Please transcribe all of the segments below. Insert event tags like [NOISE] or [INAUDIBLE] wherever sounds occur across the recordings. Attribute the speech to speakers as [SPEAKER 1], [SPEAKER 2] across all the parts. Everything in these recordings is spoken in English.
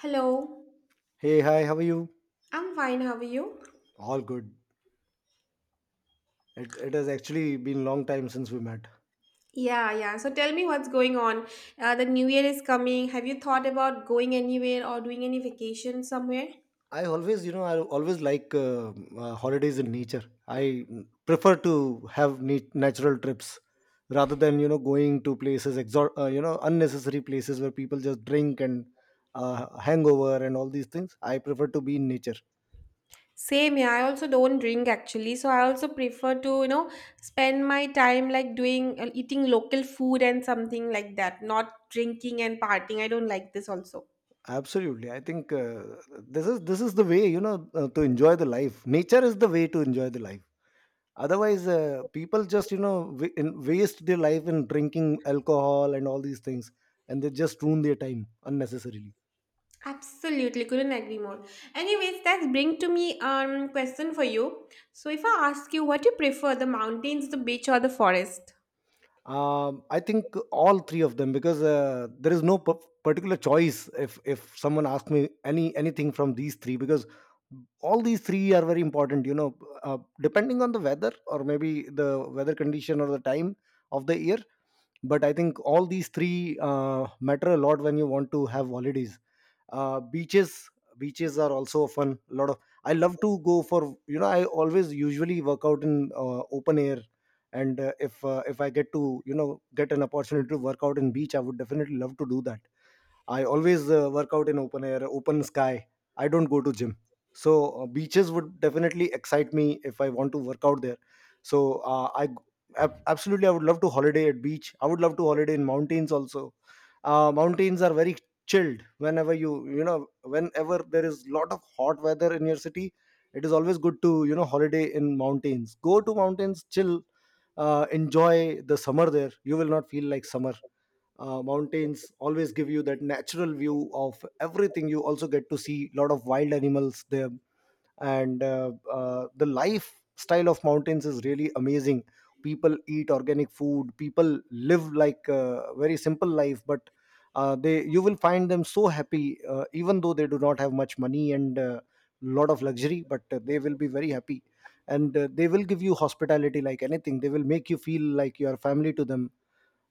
[SPEAKER 1] Hello,
[SPEAKER 2] Hey, hi, how are you?
[SPEAKER 1] I'm fine. How are you?
[SPEAKER 2] All good. It has actually been long time since we met.
[SPEAKER 1] Yeah, yeah. So tell me what's going on. The new year is coming. Have you thought about going anywhere or doing any vacation somewhere?
[SPEAKER 2] I always, you know, I always like holidays in nature. I prefer to have natural trips rather than, you know, going to places, you know, unnecessary places where people just drink and hangover and all these things. I prefer to be in nature.
[SPEAKER 1] Same, yeah. I also don't drink actually, so I also prefer to, spend my time like doing eating local food and something like that, not drinking and partying. I don't like this also.
[SPEAKER 2] Absolutely. I think this is the way, you know, to enjoy the life. Nature is the way to enjoy the life. Otherwise people just you know waste their life in drinking alcohol and all these things, and they just ruin their time unnecessarily.
[SPEAKER 1] Absolutely, couldn't agree more. Anyways, that's bring to me question for you. So if I ask you what you prefer, the mountains, the beach or the forest? 日本
[SPEAKER 2] I think all
[SPEAKER 1] 陆军
[SPEAKER 2] three of
[SPEAKER 1] 军
[SPEAKER 2] them
[SPEAKER 1] 人。
[SPEAKER 2] because there is no particular choice if someone asks me anything from these three, because all these three are very important, you know, depending on the weather, or maybe the weather condition or the time of the year. But I think all these three matter a lot when you want to have holidays. Beaches, beaches are also fun a lot of. I love to go for, you know, I always usually work out in open air, and if I get to, you know, get an opportunity to work out in beach, I would definitely love to do that. I always work out in open air, open sky. I don't go to gym. So beaches would definitely excite me if I want to work out there. So absolutely, I would love to holiday at beach. I would love to holiday in mountains also. Mountains are very chilled whenever you know whenever there is lot of hot weather in your city, it is always good to, you know, holiday in mountains, go to mountains, chill, enjoy the summer there. You will not feel like summer. Mountains always give you that natural view of everything. You also get to see a lot of wild animals there. And the lifestyle of mountains is really amazing. People eat organic food, people live like a very simple life, but they, you will find them so happy, even though they do not have much money and a lot of luxury, but they will be very happy. And they will give you hospitality like anything. They will make you feel like you are family to them.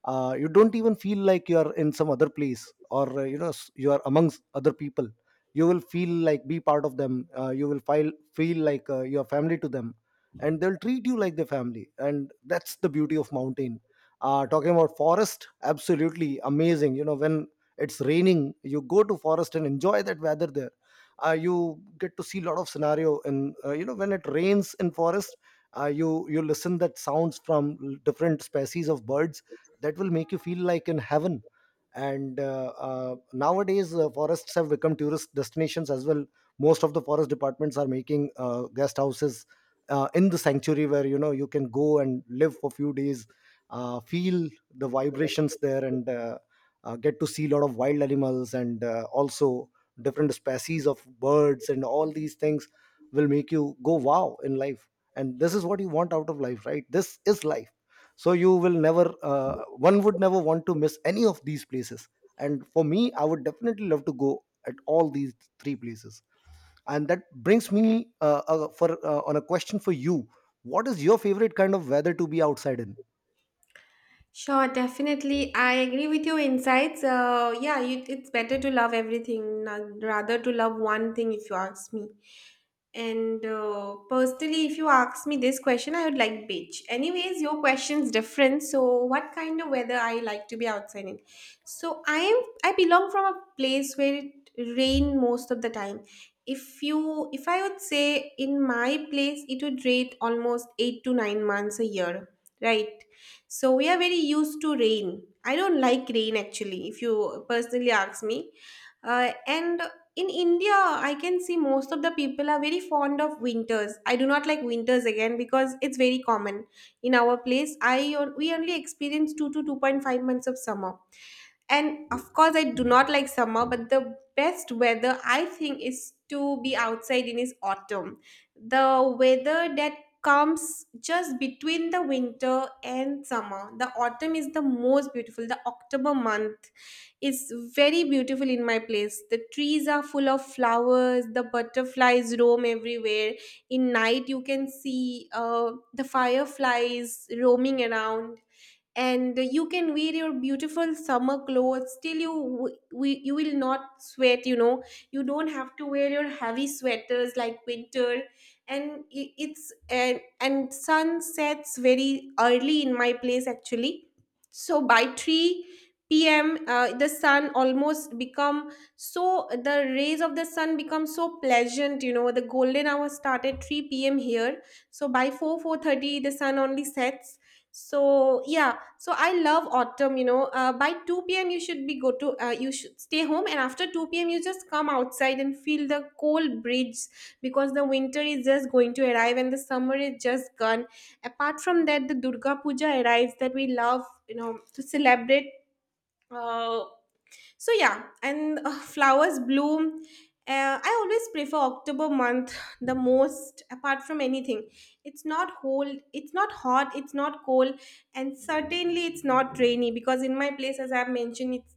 [SPEAKER 2] You don't even feel like you are in some other place, or you know, you are amongst other people. You will feel like be part of them. You will feel like you are family to them, and they'll treat you like their family. And that's the beauty of mountain. Talking about forest, absolutely amazing, you know. When it's raining, you go to forest and enjoy that weather there. You get to see a lot of scenario. And you know, when it rains in forest, you listen that sounds from different species of birds. That will make you feel like in heaven. And nowadays forests have become tourist destinations as well. Most of the forest departments are making guest houses in the sanctuary, where you know you can go and live for a few days, feel the vibrations there. And get to see a lot of wild animals, and also different species of birds, and all these things will make you go wow in life. And this is what you want out of life, right? This is life. So you will never, one would never want to miss any of these places. And for me, I would definitely love to go at all these three places. And that brings me for on a question for you. What is your favorite kind of weather to be outside in?
[SPEAKER 1] Sure, definitely. I agree with your insights. Yeah, it's better to love everything rather to love one thing, if you ask me. And personally, if you ask me this question, I would like beach. Anyways, your question's different. So, what kind of weather I like to be outside in? So, I am. I belong from a place where it rain most of the time. If I would say in my place, it would rain almost 8 to 9 months a year, right? So we are very used to rain. I don't like rain actually, if you personally ask me. And in India, I can see most of the people are very fond of winters. I do not like winters again because it's very common in our place. We only experience 2 to 2.5 months of summer. And of course, I do not like summer, but the best weather I think is to be outside in is autumn. The weather that comes just between the winter and summer. The autumn is the most beautiful. The October month is very beautiful in my place. The trees are full of flowers, the butterflies roam everywhere. In night, you can see the fireflies roaming around, and you can wear your beautiful summer clothes till you will not sweat, you don't have to wear your heavy sweaters like winter, and it's and sun sets very early in my place actually, so by 3 p.m the sun almost become, so the rays of the sun become so pleasant, you know, the golden hour start at 3 p.m here, so by 4 4:30 the sun only sets. So yeah, so I love autumn, you know. By 2 p.m. you should be go to you should stay home, and after 2 p.m. you just come outside and feel the cold breeze because the winter is just going to arrive and the summer is just gone. Apart from that, the Durga Puja arrives that we love, you know, to celebrate. uh, so yeah, and flowers bloom. I always prefer October month the most. Apart from anything, it's not hot, it's not cold, and certainly it's not rainy because in my place, as I've mentioned, it's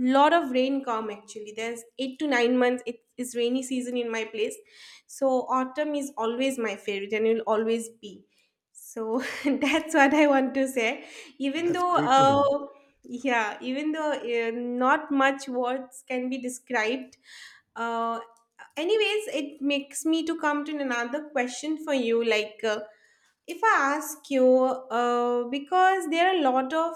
[SPEAKER 1] lot of rain come actually. There's 8 to 9 months. It is rainy season in my place, so autumn is always my favorite and will always be. So [LAUGHS] that's what I want to say. Even
[SPEAKER 2] That's
[SPEAKER 1] though
[SPEAKER 2] great to know.
[SPEAKER 1] yeah, even though not much words can be described. Uh, anyways, it makes me to come to another question for you. Like, if I ask you, because there are a lot of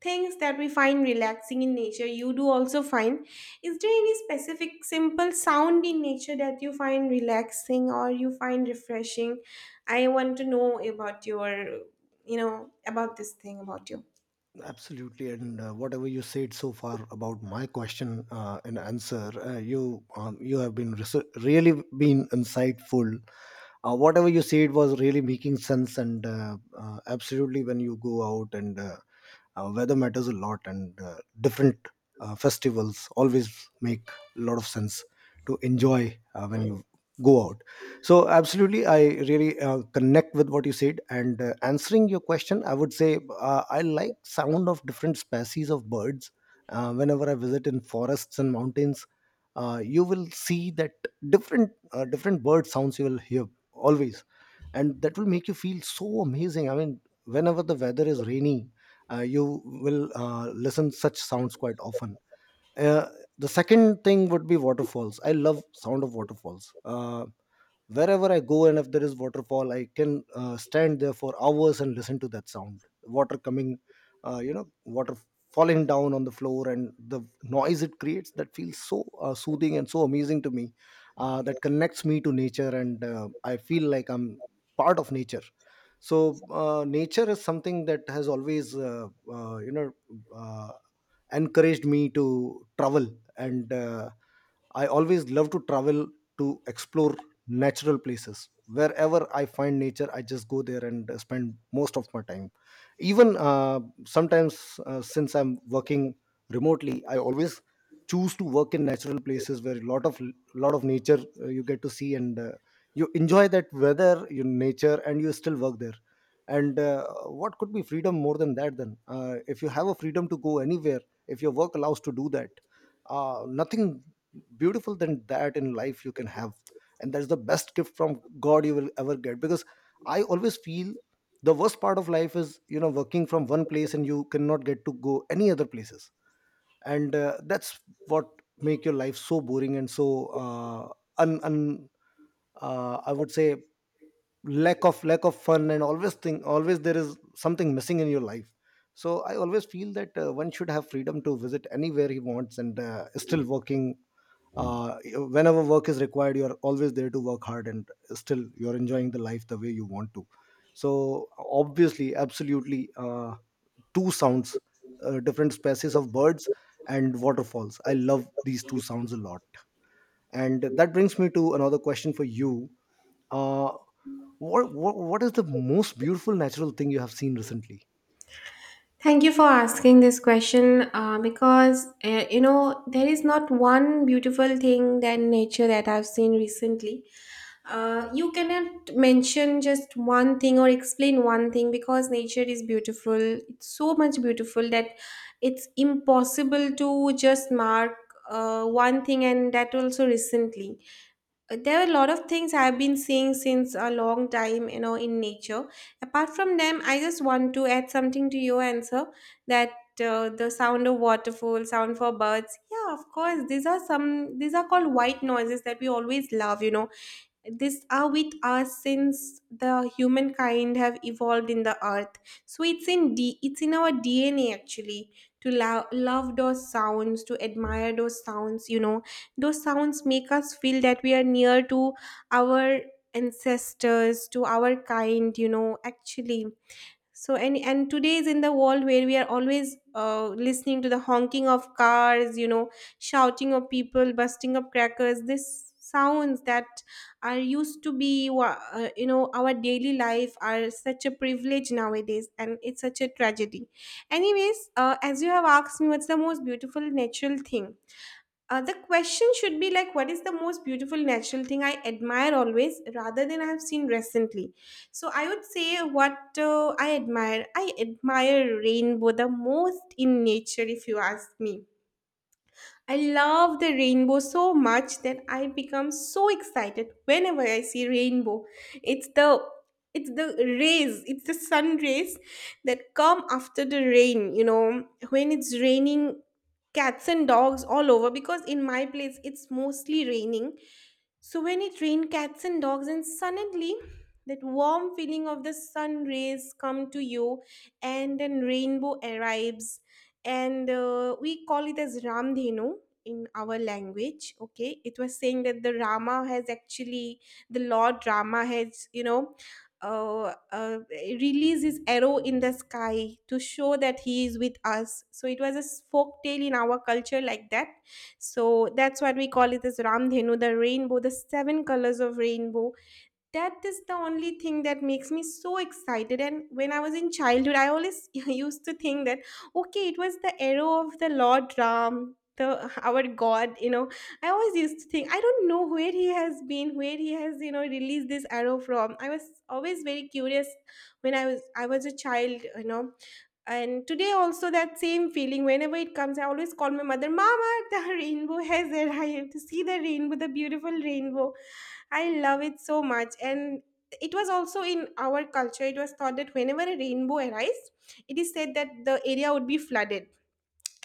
[SPEAKER 1] things that we find relaxing in nature, you do also find. Is there any specific simple sound in nature that you find relaxing or you find refreshing? I want to know about you know, about this thing about you.
[SPEAKER 2] Absolutely. And whatever you said so far about my question and answer, you, you have been really been insightful. Whatever you see, it was really making sense. And absolutely, when you go out, and weather matters a lot. And different festivals always make a lot of sense to enjoy when you go out. So absolutely, I really connect with what you said. And answering your question, I would say I like sound of different species of birds. Whenever I visit in forests and mountains, you will see that different, different bird sounds you will hear always. And that will make you feel so amazing. I mean, whenever the weather is rainy, you will listen such sounds quite often. uh, the second thing would be waterfalls. I love sound of waterfalls. Wherever I go, and if there is waterfall, I can stand there for hours and listen to that sound. Water coming, you know, water falling down on the floor, and the noise it creates, that feels so soothing and so amazing to me. That connects me to nature, and I feel like I'm part of nature. So nature is something that has always uh, you know uh, encouraged me to travel. And I always love to travel to explore natural places. Wherever I find nature, I just go there and spend most of my time. Even sometimes, since I'm working remotely, I always choose to work in natural places where a lot of nature you get to see. And you enjoy that weather, your nature, and you still work there. And what could be freedom more than that? Then, if you have a freedom to go anywhere, if your work allows to do that, nothing beautiful than that in life you can have. And that's the best gift from god you will ever get. Because I always feel the worst part of life is, you know, working from one place and you cannot get to go any other places. And that's what make your life so boring and so un, un I would say, lack of fun. And always think, always there is something missing in your life. So I always feel that one should have freedom to visit anywhere he wants, and still working, whenever work is required you are always there to work hard, and still you're enjoying the life the way you want to. So obviously, absolutely, two sounds, different species of birds and waterfalls. I love these two sounds a lot. And that brings me to another question for you. uh, what is the most beautiful natural thing you have seen recently?
[SPEAKER 1] Thank you for asking this question because you know there is not one beautiful thing than nature that I've seen recently. You cannot mention just one thing or explain one thing because nature is beautiful. It's so much beautiful that it's impossible to just mark one thing, and that also recently there are a lot of things I've been seeing since a long time, you know, in nature. Apart from them, I just want to add something to your answer, that the sound of waterfall, sound for birds, yeah, of course, these are some, these are called white noises that we always love, you know. These are with us since the humankind have evolved in the earth. So it's in our DNA actually to love those sounds, to admire those sounds. You know, those sounds make us feel that we are near to our ancestors, to our kind. You know, actually, so and today is in the world where we are always listening to the honking of cars, you know, shouting of people, busting of crackers. This sounds that are used to be you know, our daily life are such a privilege nowadays, and it's such a tragedy. Anyways, as you have asked me what's the most beautiful natural thing, the question should be like, what is the most beautiful natural thing I admire always, rather than I have seen recently. So I would say what I admire. I admire rainbow the most in nature, if you ask me. I love the rainbow so much that I become so excited whenever I see rainbow. It's the it's the rays, it's the sun rays that come after the rain, you know, when it's raining cats and dogs all over, because in my place it's mostly raining. So when it rained cats and dogs, and suddenly that warm feeling of the sun rays come to you, and then rainbow arrives, and we call it as Ramdhenu in our language. Okay, it was saying that the Lord Rama has, you know, released his arrow in the sky to show that he is with us. So it was a folk tale in our culture like that, so that's what we call it as Ramdhenu, the rainbow, the seven colors of rainbow. That is the only thing that makes me so excited, and when I was in childhood, I always [LAUGHS] used to think that okay, it was the arrow of the Lord Ram, the our god, you know. I always used to think, I don't know where he has been, where he has, you know, released this arrow from. I was always very curious when I was a child, you know. And today also that same feeling, whenever it comes, I always call my mother, mama, the rainbow has [LAUGHS] arrived, see the rainbow, the beautiful rainbow. I love it so much. And it was also in our culture, it was thought that whenever a rainbow arrives, it is said that the area would be flooded.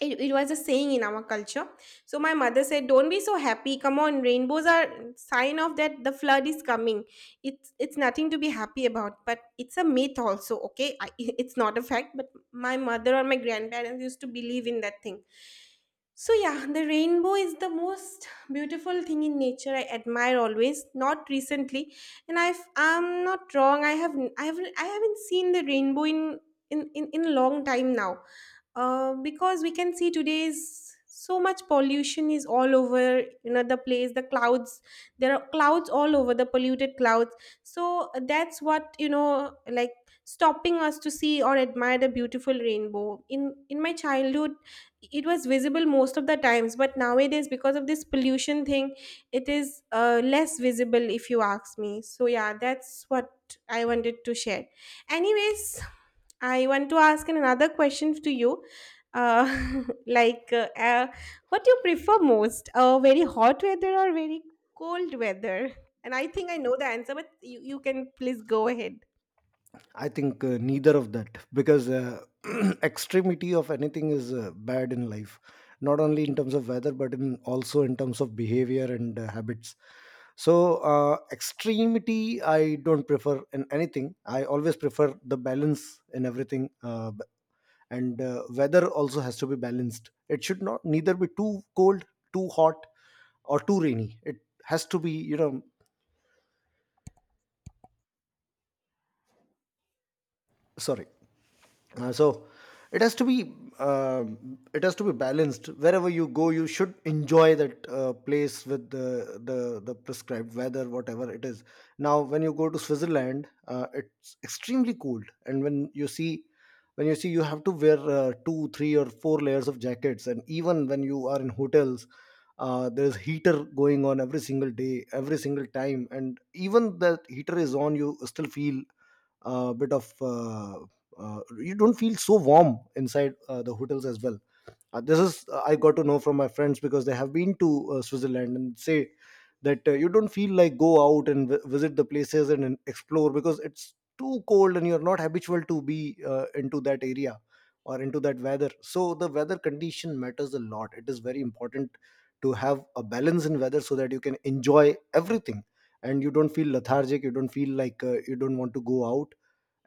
[SPEAKER 1] It was a saying in our culture. So my mother said, don't be so happy, come on, rainbows are sign of that the flood is coming. It's nothing to be happy about, but it's a myth also, okay. [LAUGHS] It's not a fact, but my mother or my grandparents used to believe in that thing. So yeah, the rainbow is the most beautiful thing in nature I admire always, not recently. And I'm not wrong, I haven't seen the rainbow in in a long time now. Because we can see today's so much pollution is all over, you know, the clouds, there are clouds all over, the polluted clouds. So that's what, you know, like stopping us to see or admire the beautiful rainbow. In my childhood it was visible most of the times, but nowadays because of this pollution thing it is less visible, if you ask me. So yeah, that's what I wanted to share. Anyways, I want to ask another question to you. Uh, [LAUGHS] like, uh, uh, what do you prefer most? Very hot weather or very cold weather? And I think I know the answer, but you can please go ahead.
[SPEAKER 2] I think neither of that, because [CLEARS THROAT] extremity of anything is bad in life, not only in terms of weather, but in also in terms of behavior and habits. So extremity I don't prefer in anything. I always prefer the balance in everything. B- and weather also has to be balanced. It should not neither be too cold, too hot, or too rainy. It has to be, you know, sorry. So it has to be balanced. Wherever you go, you should enjoy that place with the prescribed weather, whatever it is. Now when you go to Switzerland, it's extremely cold. And when you see you have to wear 2 3 or four layers of jackets. And even when you are in hotels, there is heater going on every single day, every single time. And even that heater is on, you still feel a bit of you don't feel so warm inside the hotels as well. This is, I got to know from my friends, because they have been to Switzerland, and say that you don't feel like go out and visit the places and explore, because it's too cold and you're not habitual to be into that area or into that weather. So the weather condition matters a lot. It is very important to have a balance in weather so that you can enjoy everything, and you don't feel lethargic. You don't feel like you don't want to go out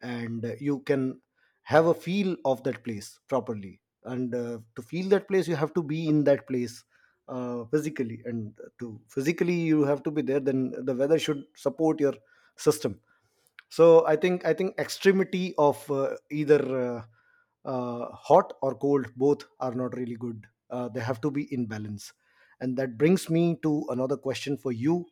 [SPEAKER 2] and you can have a feel of that place properly and to feel that place you have to be in that place physically, and to physically you have to be there, then the weather should support your system. So I think extremity of either hot or cold, both are not really good. They have to be in balance, and that brings me to another question for you.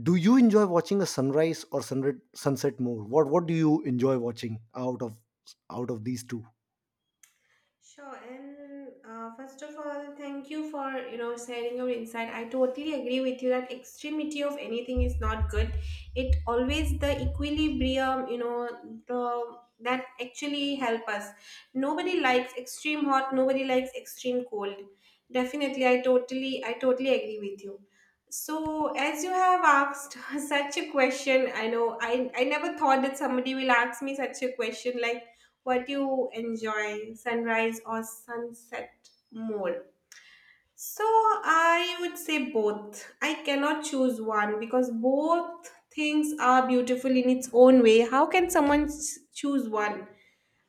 [SPEAKER 2] Do you enjoy watching a sunrise or sunset more? What do you enjoy watching out of these two?
[SPEAKER 1] Sure, and first of all, thank you for, you know, sharing your insight. I totally agree with you that extremity of anything is not good. It always the equilibrium, you know, the that actually help us. Nobody likes extreme hot. Nobody likes extreme cold. Definitely, I totally agree with you. So, as you have asked [LAUGHS] such a question, I know I never thought that somebody will ask me such a question like, what you enjoy, sunrise or sunset more? So I would say both. I cannot choose one because both things are beautiful in its own way. How can someone choose one?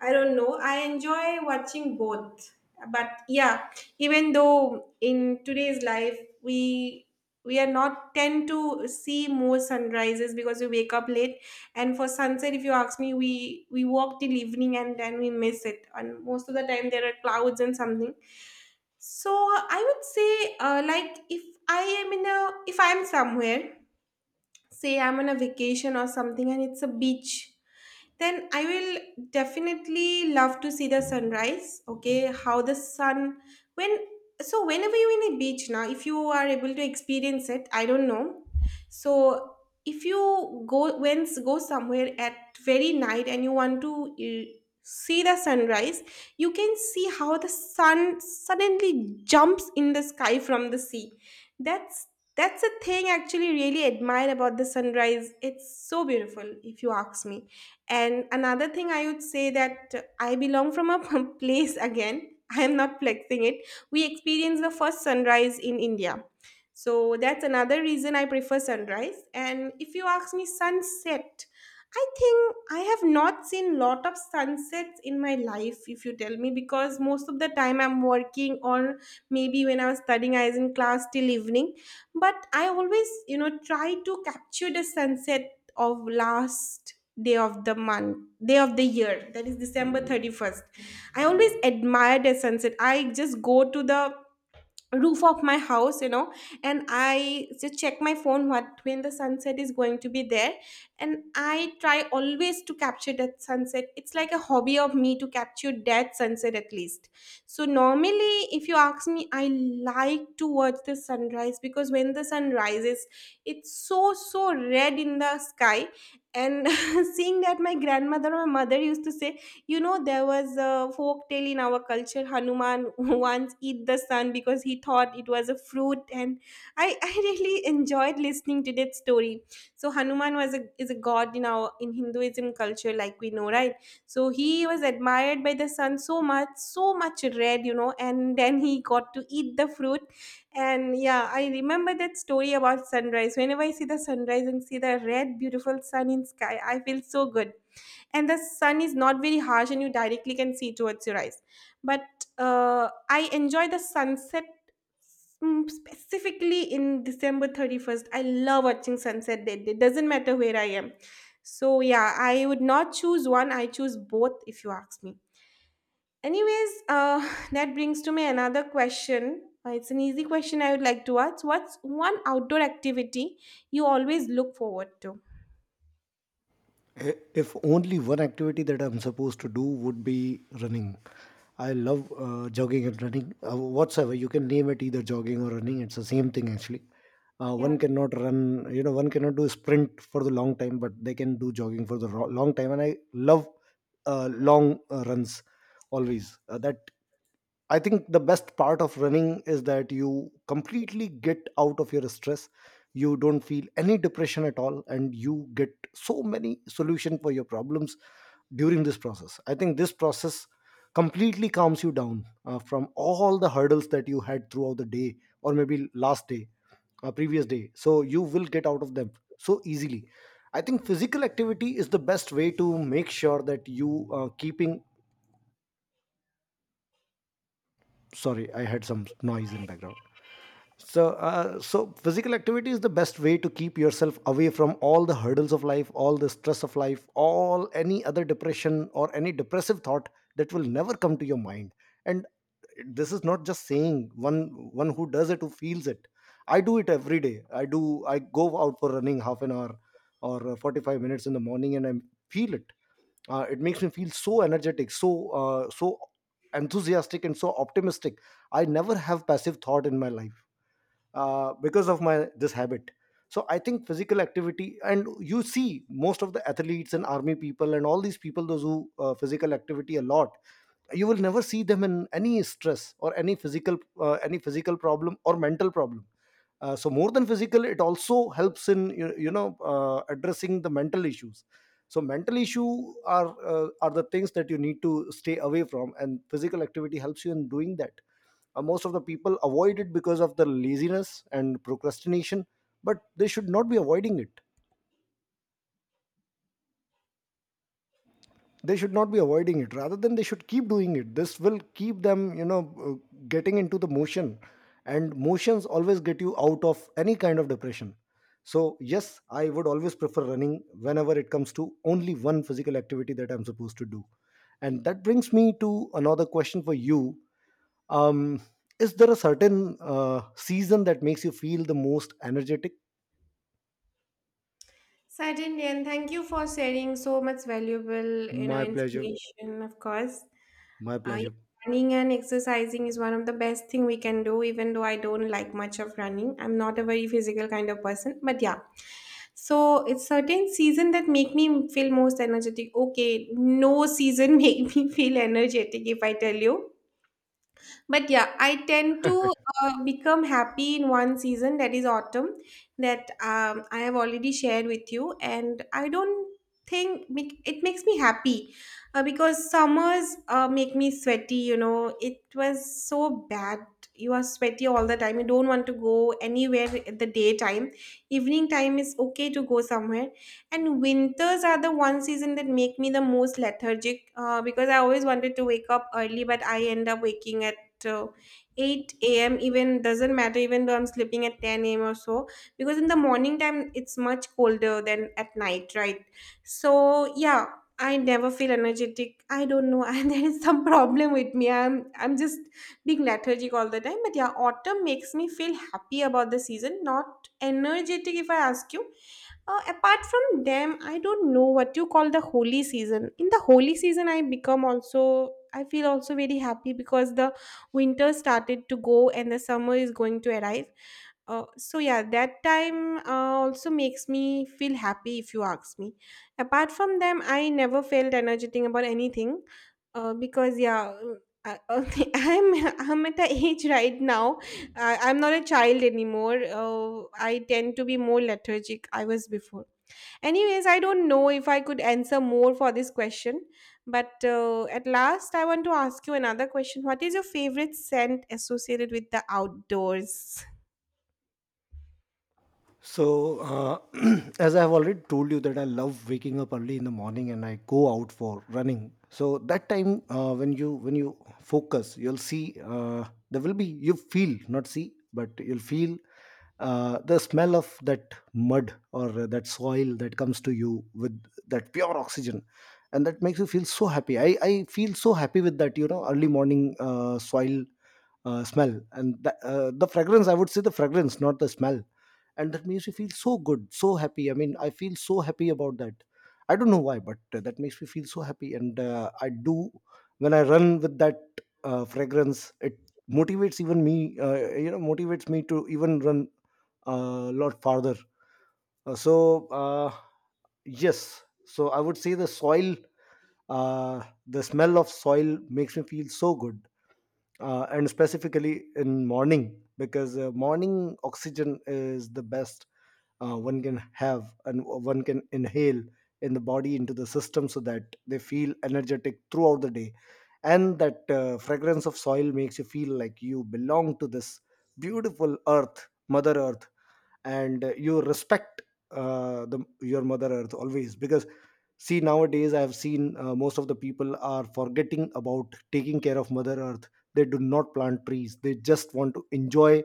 [SPEAKER 1] I don't know. I enjoy watching both. But yeah, even though in today's life we are not tend to see more sunrises because we wake up late, and for sunset, if you ask me, we walk till evening and then we miss it, and most of the time there are clouds and something. So I would say like if I am in a if I'm somewhere, say I'm on a vacation or something and it's a beach, then I will definitely love to see the sunrise. Okay, how the sun when so whenever you're in a beach now, if you are able to experience it, I don't know. So if you go once go somewhere at very night and you want to see the sunrise, you can see how the sun suddenly jumps in the sky from the sea. That's that's a thing actually really admire about the sunrise. It's so beautiful, if you ask me. And another thing I would say that I belong from a [LAUGHS] place again. I am not flexing it. We experience the first sunrise in India. So that's another reason I prefer sunrise. And if you ask me sunset, I think I have not seen lot of sunsets in my life if you tell me, because most of the time I'm working, or maybe when I was studying I was in class till evening. But I always, you know, try to capture the sunset of last day of the month, day of the year, that is December 31st. I always admire the sunset. I just go to the roof of my house, you know, and I just check my phone what when the sunset is going to be there. And I try always to capture that sunset. It's like a hobby of me to capture that sunset at least. So normally, if you ask me, I like to watch the sunrise because when the sun rises, it's so so red in the sky, and [LAUGHS] seeing that, my grandmother or my mother used to say, you know, there was a folk tale in our culture. Hanuman [LAUGHS] once eat the sun because he thought it was a fruit, and I really enjoyed listening to that story. So Hanuman was a is a god in our in Hinduism culture, like we know, right? So he was admired by the sun so much, so much red, you know, and then he got to eat the fruit. And yeah, I remember that story about sunrise. Whenever I see the sunrise and see the red, beautiful sun in sky, I feel so good, and the sun is not very harsh and you directly can see towards your eyes. But I enjoy the sunset, specifically in December 31st. I love watching sunset that day, doesn't matter where I am. So yeah, I would not choose one, I choose both if you ask me. Anyways, [LAUGHS] [SIGHS] that brings to me another question. It's an easy question. I would like to ask, what's one outdoor activity you always look forward to?
[SPEAKER 2] If only one activity that I'm supposed to do, would be running. I love jogging and running, whatsoever you can name it, either jogging or running, it's the same thing actually.
[SPEAKER 1] Yeah,
[SPEAKER 2] One cannot run, you know, one cannot do sprint for the long time, but they can do jogging for the long time, and I love long runs always. That I think the best part of running is that you completely get out of your stress. You don't feel any depression at all, and you get so many solution for your problems during this process. I think this process completely calms you down from all the hurdles that you had throughout the day, or maybe last day, previous day. So you will get out of them so easily. I think physical activity is the best way to make sure that you keeping. Sorry, I had some noise in background. So so physical activity is the best way to keep yourself away from all the hurdles of life, all the stress of life, all any other depression or any depressive thought that will never come to your mind. And this is not just saying, one who does it who feels it. I do it every day. I do, I go out for running half an hour or 45 minutes in the morning, and I feel it. It makes me feel so energetic, so so enthusiastic and so optimistic. I never have passive thought in my life, because of my this habit. So I think physical activity, and you see most of the athletes and army people and all these people, those who physical activity a lot, you will never see them in any stress or any physical problem or mental problem. So more than physical, it also helps in you, you know, addressing the mental issues. So mental issue are the things that you need to stay away from, and physical activity helps you in doing that. Most of the people avoid it because of the laziness and procrastination, but they should not be avoiding it. They should not be avoiding it. Rather than, they should keep doing it. This will keep them, you know, getting into the motion, and motions always get you out of any kind of depression. So yes, I would always prefer running whenever it comes to only one physical activity that I'm supposed to do. And that brings me to another question for you. Um, is there a certain season that makes you feel the most energetic?
[SPEAKER 1] certainly, and thank you for sharing so much valuable, you know,
[SPEAKER 2] My pleasure.
[SPEAKER 1] information, of course.
[SPEAKER 2] My pleasure.
[SPEAKER 1] Yeah, running and exercising is one of the best thing we can do, even though I don't like much of running. I'm not a very physical kind of person, but yeah. So it's certain season that make me feel most energetic. Okay, no season [LAUGHS] make me feel energetic if I tell you. But yeah, I tend to become happy in one season, that is autumn, that I have already shared with you. And I don't think it makes me happy because summers make me sweaty, you know. It was so bad. You are sweaty all the time. You don't want to go anywhere at the daytime. Evening time is okay to go somewhere. And winters are the one season that make me the most lethargic because I always wanted to wake up early, but I end up waking at uh, 8 a.m., even doesn't matter, even though I'm sleeping at 10 a.m. or so, because in the morning time it's much colder than at night, right? So yeah, I never feel energetic. I don't know. [LAUGHS] And there is some problem with me. I'm just being lethargic all the time. But yeah, autumn makes me feel happy about the season, not energetic if I ask you, apart from them, I don't know what you call the holy season. In the holy season, I become also, I feel also very happy because the winter started to go and the summer is going to arrive. So yeah, that time also makes me feel happy if you ask me. Apart from them, I never felt energetic about anything because, yeah. I, [LAUGHS] I'm I'm at the age right now. I'm not a child anymore. I tend to be more lethargic. I was before. Anyways, I don't know if I could answer more for this question, but at last, I want to ask you another question. What is your favorite scent associated with the outdoors?
[SPEAKER 2] So, [CLEARS THROAT] as I've already told you that I love waking up early in the morning and I go out for running. So that time when you focus, you'll see there will be, you feel, not see, but you'll feel the smell of that mud or that soil that comes to you with that pure oxygen, and that makes you feel so happy. I feel so happy with that, you know, early morning soil smell, and the fragrance, I would say the fragrance, not the smell. And that makes me feel so good, so happy. I mean, I feel so happy about that. I don't know why, but that makes me feel so happy. And I do, when I run with that fragrance, it motivates even me, you know, motivates me to even run a lot farther. Uh, so uh, yes, so I would say the soil, uh, the smell of soil makes me feel so good. And specifically in morning, because morning oxygen is the best one can have and one can inhale in the body, into the system, so that they feel energetic throughout the day. And that fragrance of soil makes you feel like you belong to this beautiful earth, mother earth. And you respect the your mother earth always, because see, nowadays I have seen most of the people are forgetting about taking care of mother earth. They do not plant trees, they just want to enjoy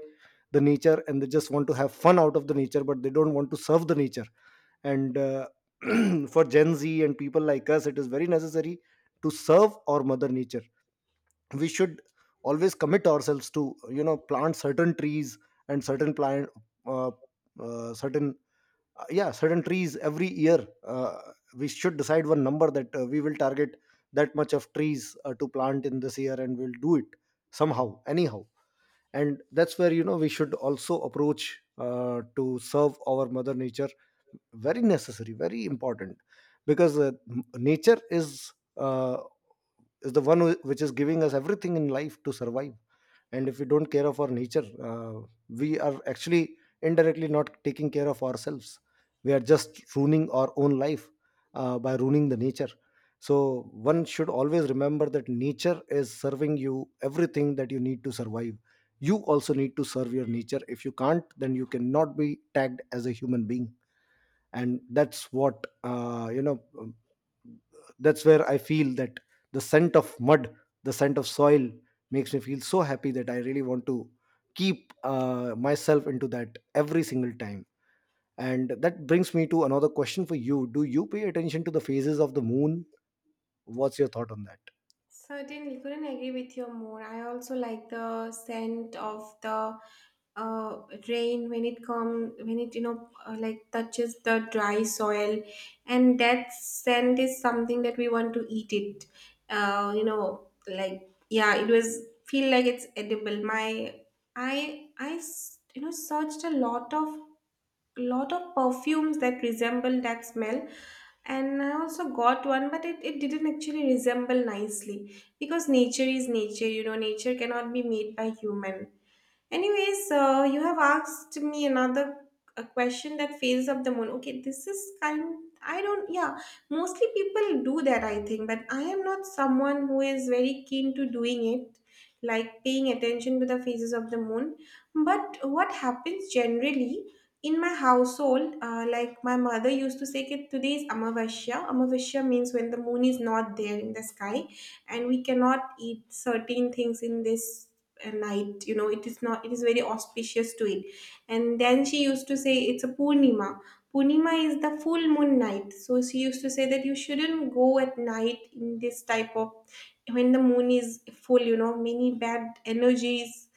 [SPEAKER 2] the nature, and they just want to have fun out of the nature, but they don't want to serve the nature. And [CLEARS THROAT] for Gen Z and people like us, it is very necessary to serve our mother nature. We should always commit ourselves to, you know, plant certain trees and certain plant, uh, certain yeah, certain trees every year. uh, we should decide one number that we will target that much of trees to plant in this year, and we'll do it somehow, anyhow. And that's where, you know, we should also approach to serve our mother nature. Very necessary, very important, because nature is the one who- which is giving us everything in life to survive. And if we don't care of our nature, we are actually indirectly not taking care of ourselves. We are just ruining our own life by ruining the nature. So one should always remember that nature is serving you everything that you need to survive. You also need to serve your nature. If you can't, then you cannot be tagged as a human being. And that's what, that's where I feel that the scent of mud, the scent of soil, makes me feel so happy, that I really want to keep myself into that every single time. And that brings me to another question for you. Do you pay attention to the phases of the moon? What's your thought on that?
[SPEAKER 1] Certainly, couldn't agree with you more. I also like the scent of the uh, rain when it, you know, like touches the dry soil, and that scent is something that we want to eat it. You know, like yeah, it was feel like it's edible. My I s- You know, searched a lot of perfumes that resemble that smell. And I also got one, but it didn't actually resemble nicely because nature is nature, you know, nature cannot be made by human. Anyways, so you have asked me another a question that fails up the moon. Okay, this is kind. I don't. Yeah, mostly people do that, I think, but I am not someone who is very keen to doing it, like paying attention to the phases of the moon. But what happens generally in my household, like my mother used to say, "Ki "Today is Amavasya." Amavasya means when the moon is not there in the sky, and we cannot eat certain things in this a night, you know, it is not, it is very auspicious to it. And then she used to say it's a purnima. Purnima is the full moon night. So she used to say that you shouldn't go at night in this type of when the moon is full, you know, many bad energies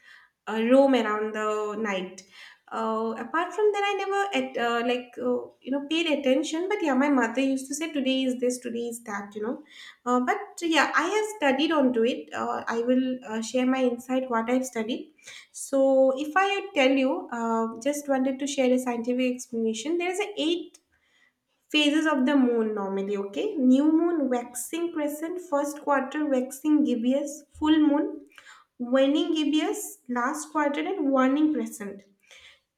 [SPEAKER 1] roam around the night. Apart from that, I never at like you know paid attention. But yeah, my mother used to say today is this, today is that, you know. But yeah, I have studied onto it. I will share my insight what I've studied. So if I tell you, just wanted to share a scientific explanation. There is a eight phases of the moon normally. Okay, new moon, waxing crescent, first quarter, waxing gibbous, full moon, waning gibbous, last quadrant, and waning crescent.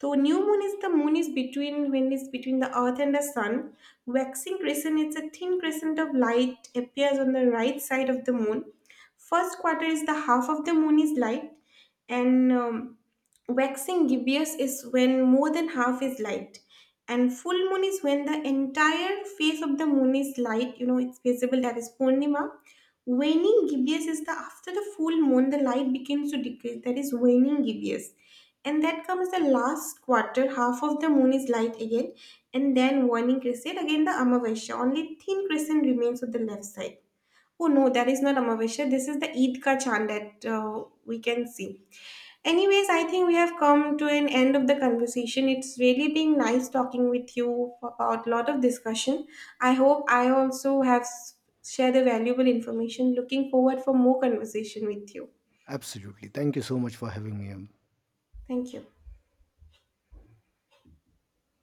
[SPEAKER 1] So new moon is the moon is between when is between the earth and the sun. Waxing crescent, it's a thin crescent of light appears on the right side of the moon. First quarter is the half of the moon is light. And waxing gibbous is when more than half is light. And full moon is when the entire face of the moon is light, you know, it's visible. That is purnima. Waning gibbous is the after the full moon the light begins to decrease. That is waning gibbous. And that comes the last quarter, half of the moon is light again. And then waning crescent again the amavasya, only thin crescent remains on the left side. Oh no, that is not amavasya, this is the eid ka chand that we can see. Anyways, I think we have come to an end of the conversation. It's really been nice talking with you about a lot of discussion. I hope I also have shared the valuable information. Looking forward for more conversation with you.
[SPEAKER 2] Absolutely. Thank you so much for having me.
[SPEAKER 1] Thank you.